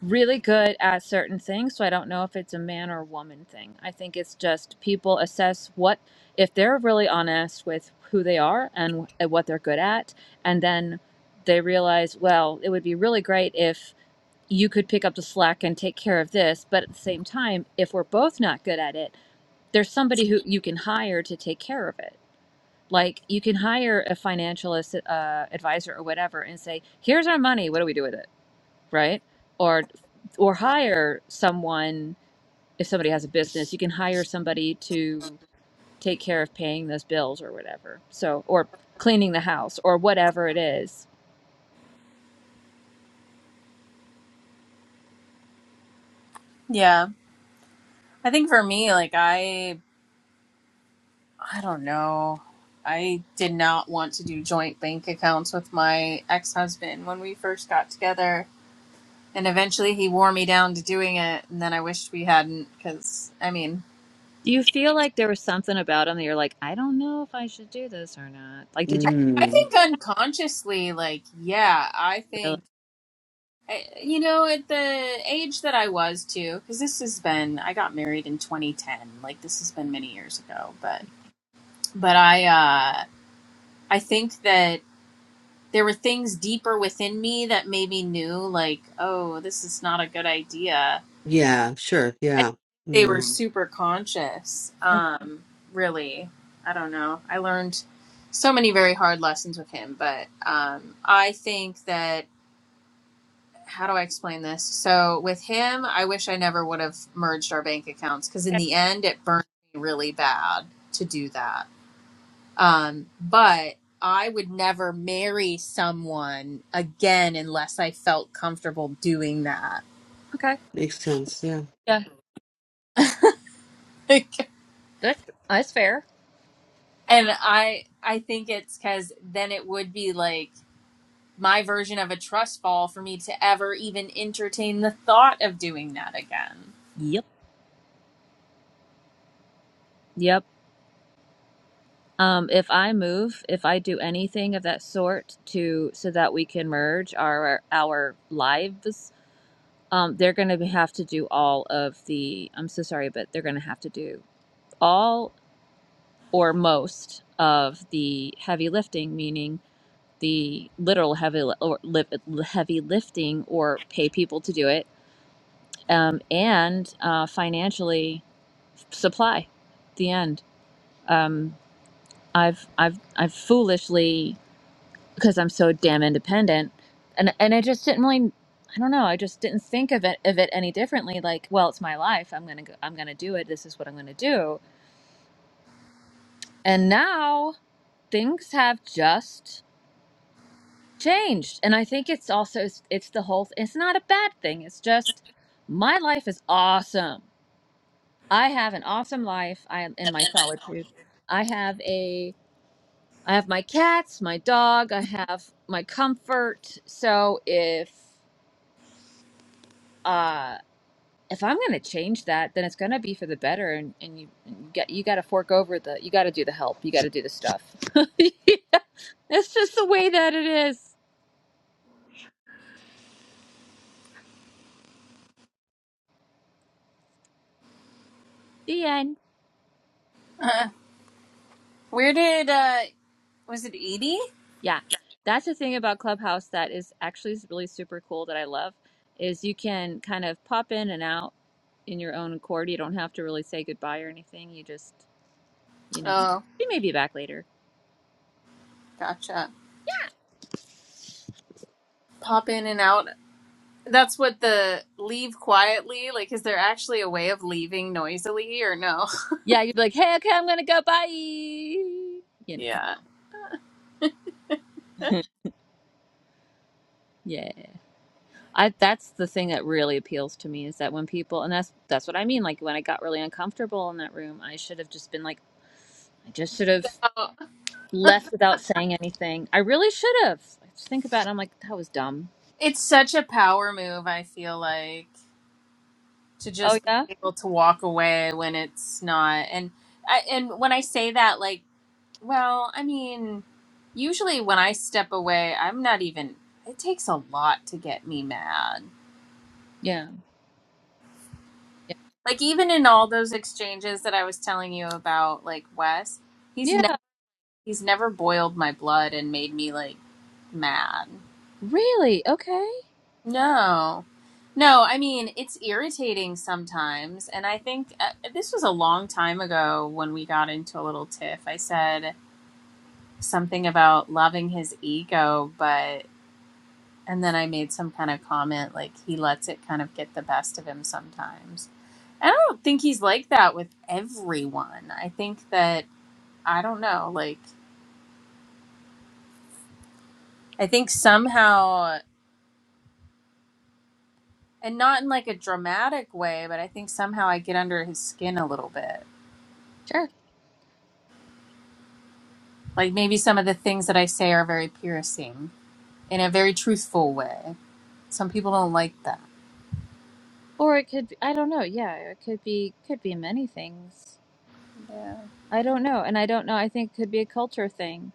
Speaker 1: really good at certain things. So I don't know if it's a man or a woman thing. I think it's just people assess what, if they're really honest with who they are and, and what they're good at, and then they realize, well, it would be really great if you could pick up the slack and take care of this. But at the same time, if we're both not good at it, there's somebody who you can hire to take care of it. Like you can hire a financial assi- uh, advisor or whatever and say, here's our money. What do we do with it? right? Or or hire someone if somebody has a business, you can hire somebody to take care of paying those bills or whatever. So or cleaning the house or whatever it is.
Speaker 2: Yeah. I think for me, like I I don't know. I did not want to do joint bank accounts with my ex husband when we first got together. And eventually he wore me down to doing it. And then I wished we hadn't because, I mean,
Speaker 1: Do you feel like there was something about them that you're like, I don't know if I should do this or not? Like, did you
Speaker 2: I
Speaker 3: Mm.
Speaker 2: think unconsciously, like, yeah, I
Speaker 1: really?
Speaker 2: think, I- you know, at the age that I was too, because this has been, I got married in 2010. Like, this has been many years ago. But, but I, uh, I think that there were things deeper within me that maybe knew like oh this is not a good idea
Speaker 3: Yeah, sure.
Speaker 2: i don't
Speaker 3: Yeah.
Speaker 2: think they were Mm.
Speaker 3: Mm.
Speaker 2: super conscious
Speaker 1: Oh,
Speaker 2: um really i don't know i learned so many very hard lessons with him but um i think that how do i explain this so with him i wish i never would have merged our bank accounts because in
Speaker 1: okay.
Speaker 2: the end it burned me really bad to do that Um, but I would never marry someone again unless I felt comfortable doing that.
Speaker 1: Okay.
Speaker 3: Makes sense. Yeah.
Speaker 1: Yeah.
Speaker 2: and
Speaker 1: That's, that's fair.
Speaker 2: I I think it's cuz then it would be like my version of a trust fall for me to ever even entertain the thought of doing that again.
Speaker 1: Yep. Yep. Um, if I move, if I do anything of that sort to so that we can merge our our lives, um, they're going to have to do all of the, I'm so sorry, but they're going to have to do all or most of the heavy lifting, meaning the literal heavy li- or li- heavy lifting, or pay people to do it, um, and uh, financially supply. The end. Um, I've I've I've foolishly because I'm so damn independent. And and I just didn't really I don't know, I just didn't think of it of it any differently like, well, it's my life. I'm going to go, I'm going to do it. This is what I'm going to do. And now things have just changed. And I think it's also it's it's the whole it's not a bad thing. It's just my life is awesome. I have an awesome life. I am in my solitude. I have a I have my cats, my dog, I have my comfort. So if uh if I'm going to change that, then it's going to be for the better. And, and you, you got you got to fork over the you got to do the help. You got to do the stuff. Yeah, That's just the way that it is. The end.
Speaker 2: Where did uh was it Edie?
Speaker 1: Yeah, that's the thing about Clubhouse that is actually really super cool that I love is you can kind of pop in and out in your own accord. You don't have to really say goodbye or anything. You just you know
Speaker 2: Oh,
Speaker 1: she may be back later.
Speaker 2: gotcha. Pop in and out. That's what the leave quietly, like is there actually a way of leaving noisily or no?
Speaker 1: Yeah, you'd be like, hey, okay, I'm gonna go. Bye. You know.
Speaker 2: Yeah.
Speaker 1: yeah. I that's the thing that really appeals to me is that when people and that's that's what I mean like when I got really uncomfortable in that room I should have just been like I just should have
Speaker 2: Oh,
Speaker 1: left without saying anything. I really should have. I just think about it I'm like that was dumb.
Speaker 2: It's such a power move, I feel like, to
Speaker 1: Oh
Speaker 2: just
Speaker 1: yeah?
Speaker 2: be able to walk away when it's not. And I, and when I say that, like, well, I mean, usually when I step away, I'm not even, it takes a lot to get me mad.
Speaker 1: Yeah. Yeah.
Speaker 2: Like even in all those exchanges that I was telling you about, like Wes, he's ne-
Speaker 1: Yeah,
Speaker 2: he's never boiled my blood and made me like mad.
Speaker 1: really? Okay.
Speaker 2: No. No, I mean, it's irritating sometimes. And I think uh, this was a long time ago when we got into a little tiff. I said something about loving his ego, but, and then I made some kind of comment like he lets it kind of get the best of him sometimes. And I don't think he's like that with everyone. I think that, I don't know, like, I think somehow, and not in like a dramatic way, but I think somehow I get under his skin a little bit.
Speaker 1: Sure.
Speaker 2: Like maybe some of the things that I say are very piercing in a very truthful way. Some people don't like that.
Speaker 1: Or it could be, I don't know. Yeah, it could be could be many things.
Speaker 2: Yeah.
Speaker 1: I don't know. And I don't know. I think it could be a culture thing.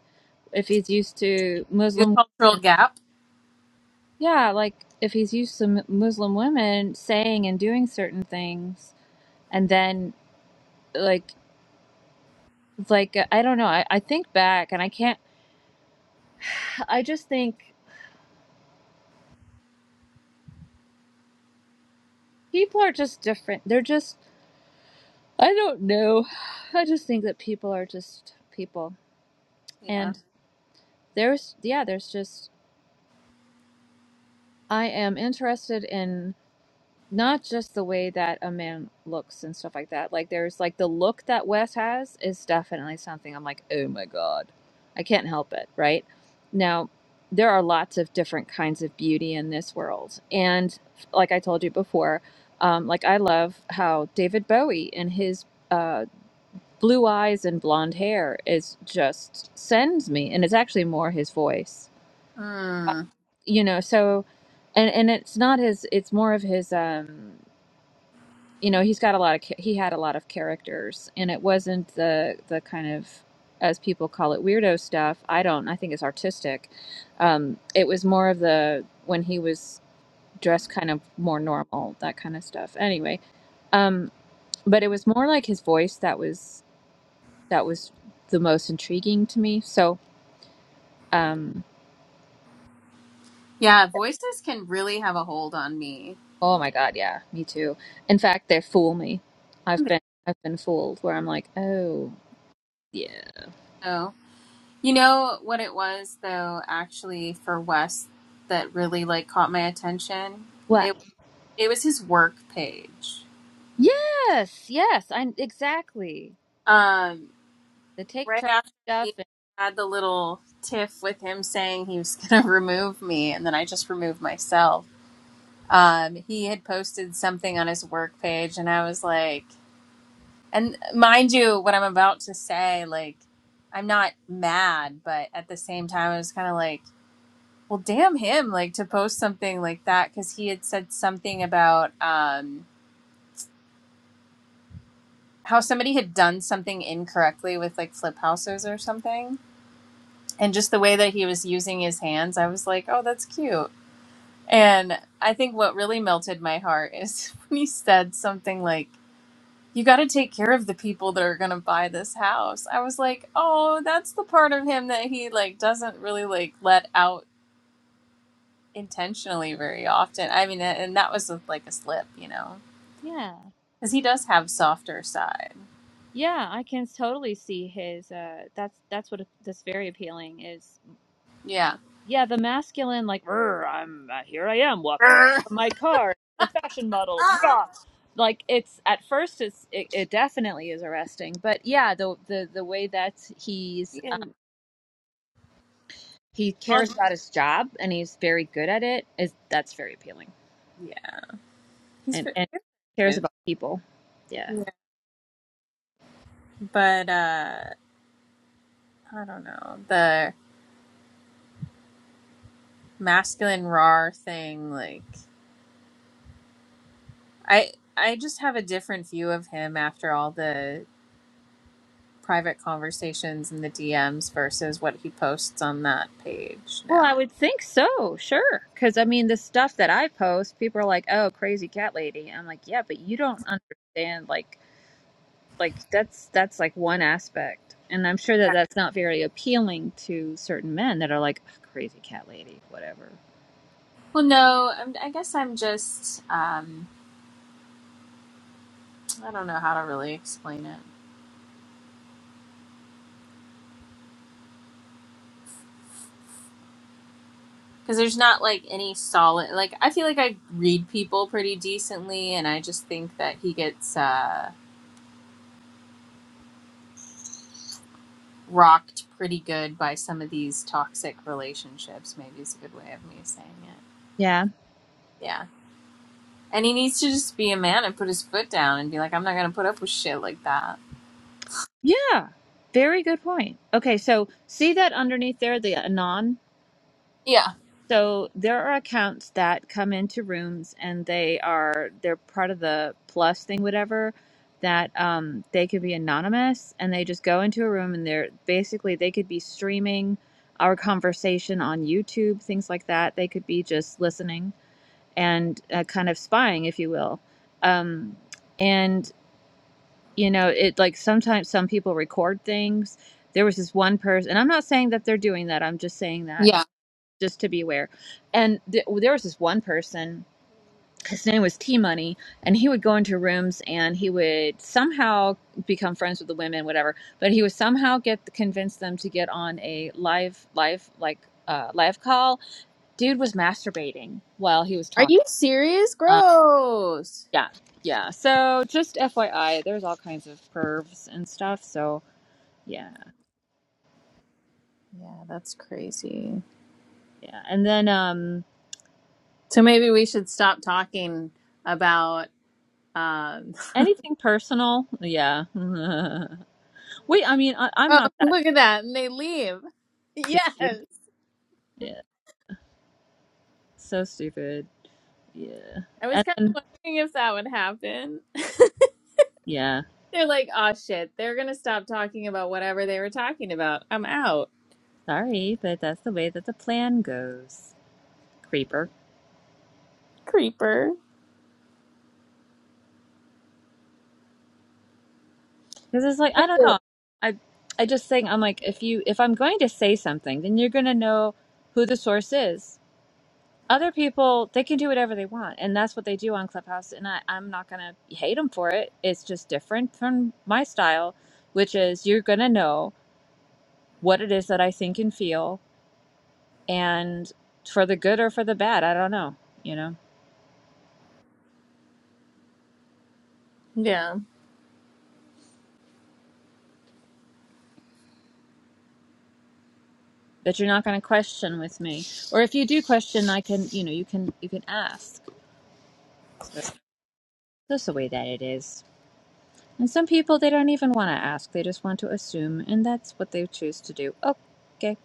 Speaker 1: If he's used to
Speaker 2: The
Speaker 1: Muslim women
Speaker 2: cultural gap.
Speaker 1: Yeah, like if he's used to mu- Muslim women saying and doing certain things, and then like like I don't know. I, I think back and I can't. I just think people are just different. They're just I don't know. I just think that people are just people,
Speaker 2: Yeah.
Speaker 1: and there's yeah, there's just I am interested in. not just the way that a man looks and stuff like that. Like there's like the look that Wes has is definitely something I'm like, oh my god, I can't help it, right? Now, there are lots of different kinds of beauty in this world, and like I told you before, um, like I love how David Bowie and his uh, blue eyes and blonde hair is just sends me, and it's actually more his voice,
Speaker 2: Mm.
Speaker 1: you know. So, and and it's not his, it's more of his. um you know he's got a lot of he had a lot of characters and it wasn't the the kind of as people call it weirdo stuff i don't i think it's artistic um it was more of the when he was dressed kind of more normal that kind of stuff anyway um but it was more like his voice that was that was the most intriguing to me so um
Speaker 2: Yeah, voices can really have a hold on me.
Speaker 1: oh my god yeah me too in fact they fool me i've been i've been fooled where i'm like oh yeah
Speaker 2: So, you know what it was though, actually for Wes that really like caught my attention?
Speaker 1: what.
Speaker 2: It it was his work page.
Speaker 1: Yes, yes, I exactly.
Speaker 2: Um
Speaker 1: The take
Speaker 2: right
Speaker 1: charge
Speaker 2: after
Speaker 1: stuff
Speaker 2: he
Speaker 1: and
Speaker 2: had the little tiff with him saying he was gonna remove me and then I just removed myself um, he had posted something on his work page and i was like and mind you what i'm about to say like i'm not mad but at the same time i was kind of like well damn him like to post something like that because he had said something about um, how somebody had done something incorrectly with like flip houses or something and just the way that he was using his hands i was like oh that's cute and i think what really melted my heart is when he said something like you got to take care of the people that are going to buy this house. I was like, oh, that's the part of him that he like doesn't really like let out intentionally very often. I mean, and that was a, like a slip, you know,
Speaker 1: yeah.
Speaker 2: because he does have softer side.
Speaker 1: Yeah, I can totally see his uh that's that's what that's very appealing is
Speaker 2: Yeah.
Speaker 1: yeah, the masculine like "Rrr, I'm uh, here I am walking away
Speaker 2: Err.
Speaker 1: from my car, the fashion model.
Speaker 2: Ah.
Speaker 1: Blah. Like it's at first it's it, it definitely is arresting, but yeah, the the the way that he's um,
Speaker 2: and
Speaker 1: he cares
Speaker 2: on,
Speaker 1: about his job and he's very good at it is that's very appealing.
Speaker 2: yeah, he's
Speaker 1: And
Speaker 2: fit.
Speaker 1: and cares
Speaker 2: Yeah.
Speaker 1: about people. Yeah.
Speaker 2: But uh, I don't know the masculine raw thing. Like I, I just have a different view of him after all the private conversations in the DMs versus what he posts on that page
Speaker 1: Well,
Speaker 2: now.
Speaker 1: I would think so, sure. Because, I mean, the stuff that I post, people are like, oh, crazy cat lady. I'm like, yeah, but you don't understand. Like, like that's that's like one aspect. And I'm sure that
Speaker 2: Yeah.
Speaker 1: that's not very appealing to certain men that are like, "Ugh, crazy cat lady, whatever.
Speaker 2: Well, no, I'm, I guess I'm just, um, I don't know how to really explain it. Because there's not like any solid, like, I feel like I read people pretty decently, and I just think that he gets uh, rocked pretty good by some of these toxic relationships, maybe is a good way of me saying it.
Speaker 1: Yeah.
Speaker 2: Yeah. And he needs to just be a man and put his foot down and be like, I'm not going to put up with shit like that.
Speaker 1: Yeah. Very good point. Okay. So, see that underneath there, the Anon?
Speaker 2: Yeah.
Speaker 1: So there are accounts that come into rooms and they are they're part of the plus thing, whatever. That um, they could be anonymous and they just go into a room and they're basically they could be streaming our conversation on YouTube, things like that. They could be just listening and uh, kind of spying, if you will. Um, and you know, it like sometimes some people record things. There was this one person, and I'm not saying that they're doing that. I'm just saying that
Speaker 2: Yeah.
Speaker 1: just to be aware. And th- there was this one person, his name was T Money, and he would go into rooms and he would somehow become friends with the women, whatever. But he would somehow get convince them to get on a live, live like uh, live call. Dude was masturbating while he was
Speaker 2: Are you
Speaker 1: talking.
Speaker 2: serious?
Speaker 1: Uh,
Speaker 2: Gross.
Speaker 1: yeah, yeah. So just FYI, there's all kinds of pervs and stuff. So yeah,
Speaker 2: Yeah, that's crazy.
Speaker 1: yeah. And then um,
Speaker 2: So maybe we should stop talking about. Um,
Speaker 1: anything personal, yeah. Wait, I mean, I, I'm
Speaker 2: oh,
Speaker 1: not that.
Speaker 2: look at that. And they leave. Yes.
Speaker 1: See? Yeah, so stupid. Yeah.
Speaker 2: I was
Speaker 1: And
Speaker 2: kind
Speaker 1: then,
Speaker 2: of wondering if that would happen.
Speaker 1: yeah,
Speaker 2: They're like, oh shit, they're going to stop talking about whatever they were talking about. I'm out.
Speaker 1: sorry, but that's the way that the plan goes, creeper.
Speaker 2: Creeper.
Speaker 1: Because it's like, I don't know. I I just think I'm like, if you if I'm going to say something, then you're gonna know who the source is. Other people, they can do whatever they want, and that's what they do on Clubhouse. And I, I'm not gonna hate them for it. It's just different from my style, which is you're gonna know what it is that I think and feel, and for the good or for the bad, I don't know, you know.
Speaker 2: Yeah.
Speaker 1: that you're not going to question with me or if you do question i can you know you can you can ask so that's the way that it is and some people they don't even want to ask they just want to assume and that's what they choose to do Oh, okay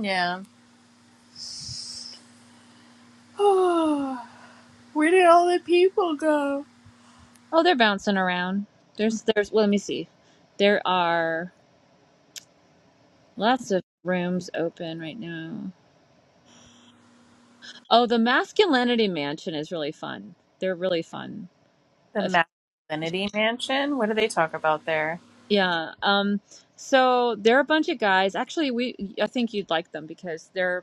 Speaker 2: Yeah. Oh, Where did all the people go?
Speaker 1: oh they're bouncing around there's there's well, let me see there are lots of rooms open right now oh the masculinity mansion is really fun they're really fun If-
Speaker 2: The Masculinity Mansion? What do they talk about there?
Speaker 1: yeah um so they're a bunch of guys actually we i think you'd like them because they're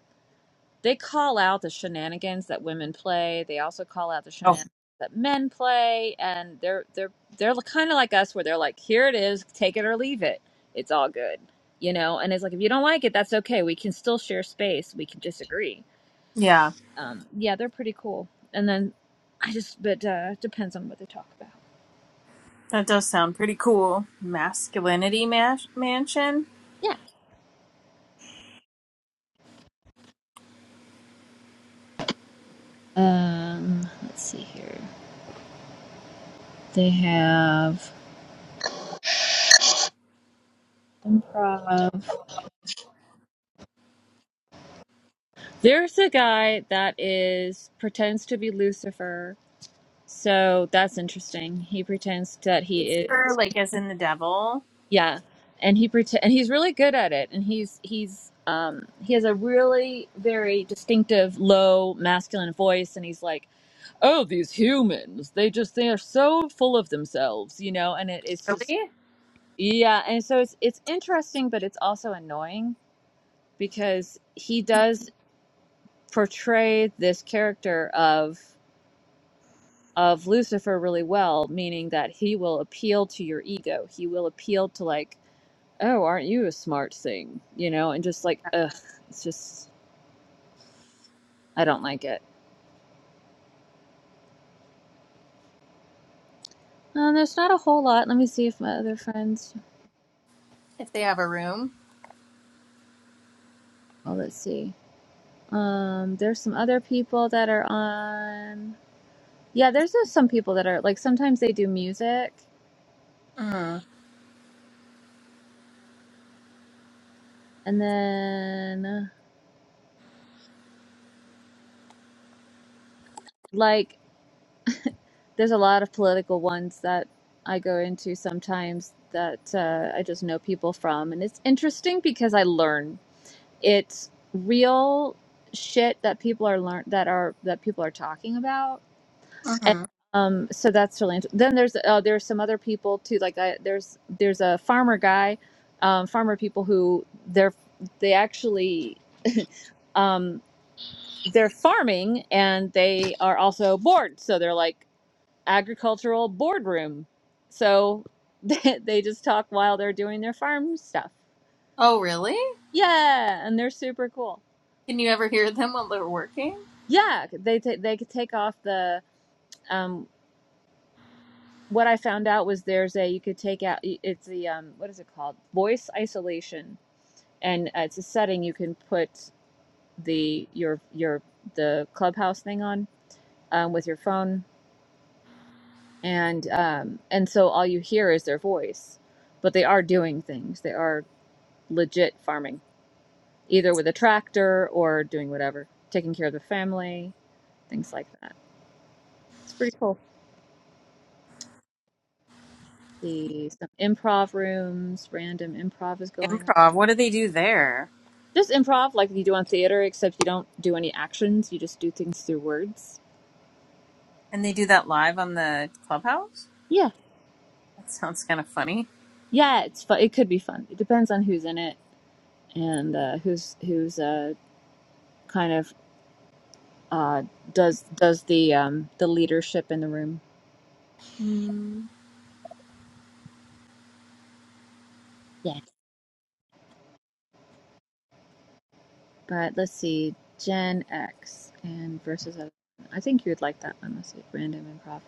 Speaker 1: they call out the shenanigans that women play. They also call out the
Speaker 2: Oh.
Speaker 1: shenanigans that men play, and they're they're they're kind of like us, where they're like, "Here it is, take it or leave it. It's all good," you know. And it's like, if you don't like it, that's okay. We can still share space. We can disagree. Um, yeah, they're pretty cool. And then I just, but uh, depends on what they talk about.
Speaker 2: That does sound pretty cool. Masculinity mas- mansion?
Speaker 1: Yeah. Um, let's see here. They have improv. There's a guy that is pretends to be Lucifer So that's interesting. He pretends that he
Speaker 2: Lucifer,
Speaker 1: is,
Speaker 2: like as in the devil?
Speaker 1: yeah, and he pretend and he's really good at it. And he's he's um he has a really very distinctive low masculine voice, and he's like, "Oh, these humans, they just they are so full of themselves, you know." And it, it's just
Speaker 2: Really?
Speaker 1: yeah, and so it's it's interesting, but it's also annoying because he does portray this character of. of Lucifer really well, meaning that he will appeal to your ego. He will appeal to like, oh, aren't you a smart thing? You know, and just like, ugh, it's just I don't like it. Um, there's not a whole lot. Let me see if my other friends.
Speaker 2: If they have a room?
Speaker 1: Oh, let's see. Um, there's some other people that are on. Yeah, there's just some people that are like sometimes they do music,
Speaker 2: Mm.
Speaker 1: and then like there's a lot of political ones that I go into sometimes that uh, I just know people from, and it's interesting because I learn it's real shit that people are learn that are that people are talking about. And,
Speaker 2: hmm
Speaker 1: um, so that's really interesting. then there's uh, there's some other people too like I, there's there's a farmer guy, um, farmer people who they're they actually um, they're farming and they are also bored. So they're like, agricultural boardroom. So they, they just talk while they're doing their farm stuff.
Speaker 2: Oh, really?
Speaker 1: Yeah, and they're super cool.
Speaker 2: Can you ever hear them while they're working?
Speaker 1: Yeah, they ta they could take off the um what I found out was there's a you could take out it's the um what is it called? Voice isolation. And uh, it's a setting you can put the your your the clubhouse thing on um, with your phone and um and so all you hear is their voice. But they are doing things. They are legit farming either with a tractor or doing whatever, taking care of the family, things like that. It's pretty cool. See some improv rooms, random improv is going on.
Speaker 2: Improv. What do they do there?
Speaker 1: Just improv like you do on theater, except you don't do any actions. You just do things through words.
Speaker 2: And they do that live on the clubhouse?
Speaker 1: Yeah,
Speaker 2: That sounds kind of funny.
Speaker 1: yeah, it's fun. It could be fun. It depends on who's in it and uh, who's who's uh, kind of uh, does does the um, the leadership in the room.
Speaker 2: Mm.
Speaker 1: Yeah. But let's see, Gen X and versus other. I think you would like that one. Let's see, random improv.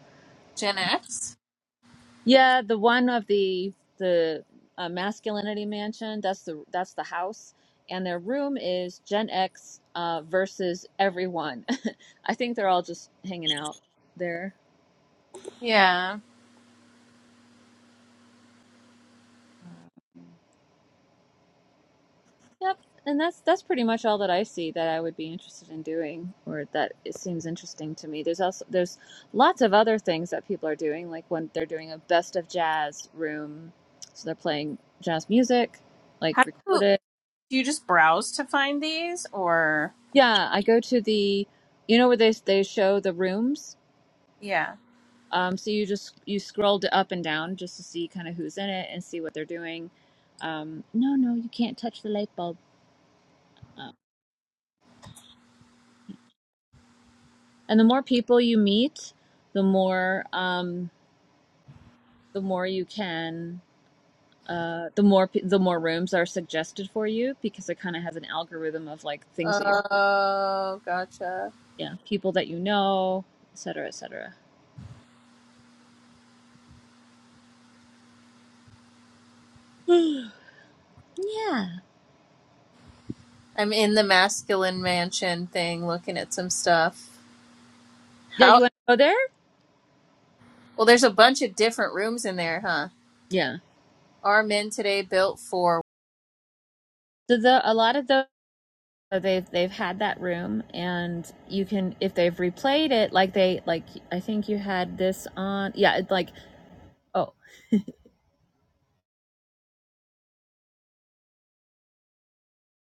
Speaker 2: Gen X?
Speaker 1: Yeah, the one of the the uh, masculinity mansion. That's the that's the house, and their room is Gen X uh, versus everyone. I think they're all just hanging out there.
Speaker 2: Yeah.
Speaker 1: Um, Yep, and that's that's pretty much all that I see that I would be interested in doing, or that it seems interesting to me. There's also there's lots of other things that people are doing, like when they're doing a best of jazz room, so they're playing jazz music, like
Speaker 2: How do you,
Speaker 1: recorded.
Speaker 2: do you just browse to find these or?
Speaker 1: Yeah, I go to the, you know where they they show the rooms.
Speaker 2: Yeah.
Speaker 1: Um, so you just you scroll d- up and down just to see kind of who's in it and see what they're doing. Um, no, no, you can't touch the light bulb. Uh, and the more people you meet, the more. Um, the more you can uh the more pe- the more rooms are suggested for you because it kind of has an algorithm of like things that you're
Speaker 2: Oh, gotcha.
Speaker 1: yeah people that you know et cetera et cetera yeah
Speaker 2: I'm in the masculine mansion thing looking at some stuff.
Speaker 1: yeah you
Speaker 2: How
Speaker 1: want to go there
Speaker 2: well there's a bunch of different rooms in there, huh?
Speaker 1: yeah
Speaker 2: Are men today built for
Speaker 1: so the a lot of those so they've they've had that room and you can if they've replayed it like they like i think you had this on yeah it's like oh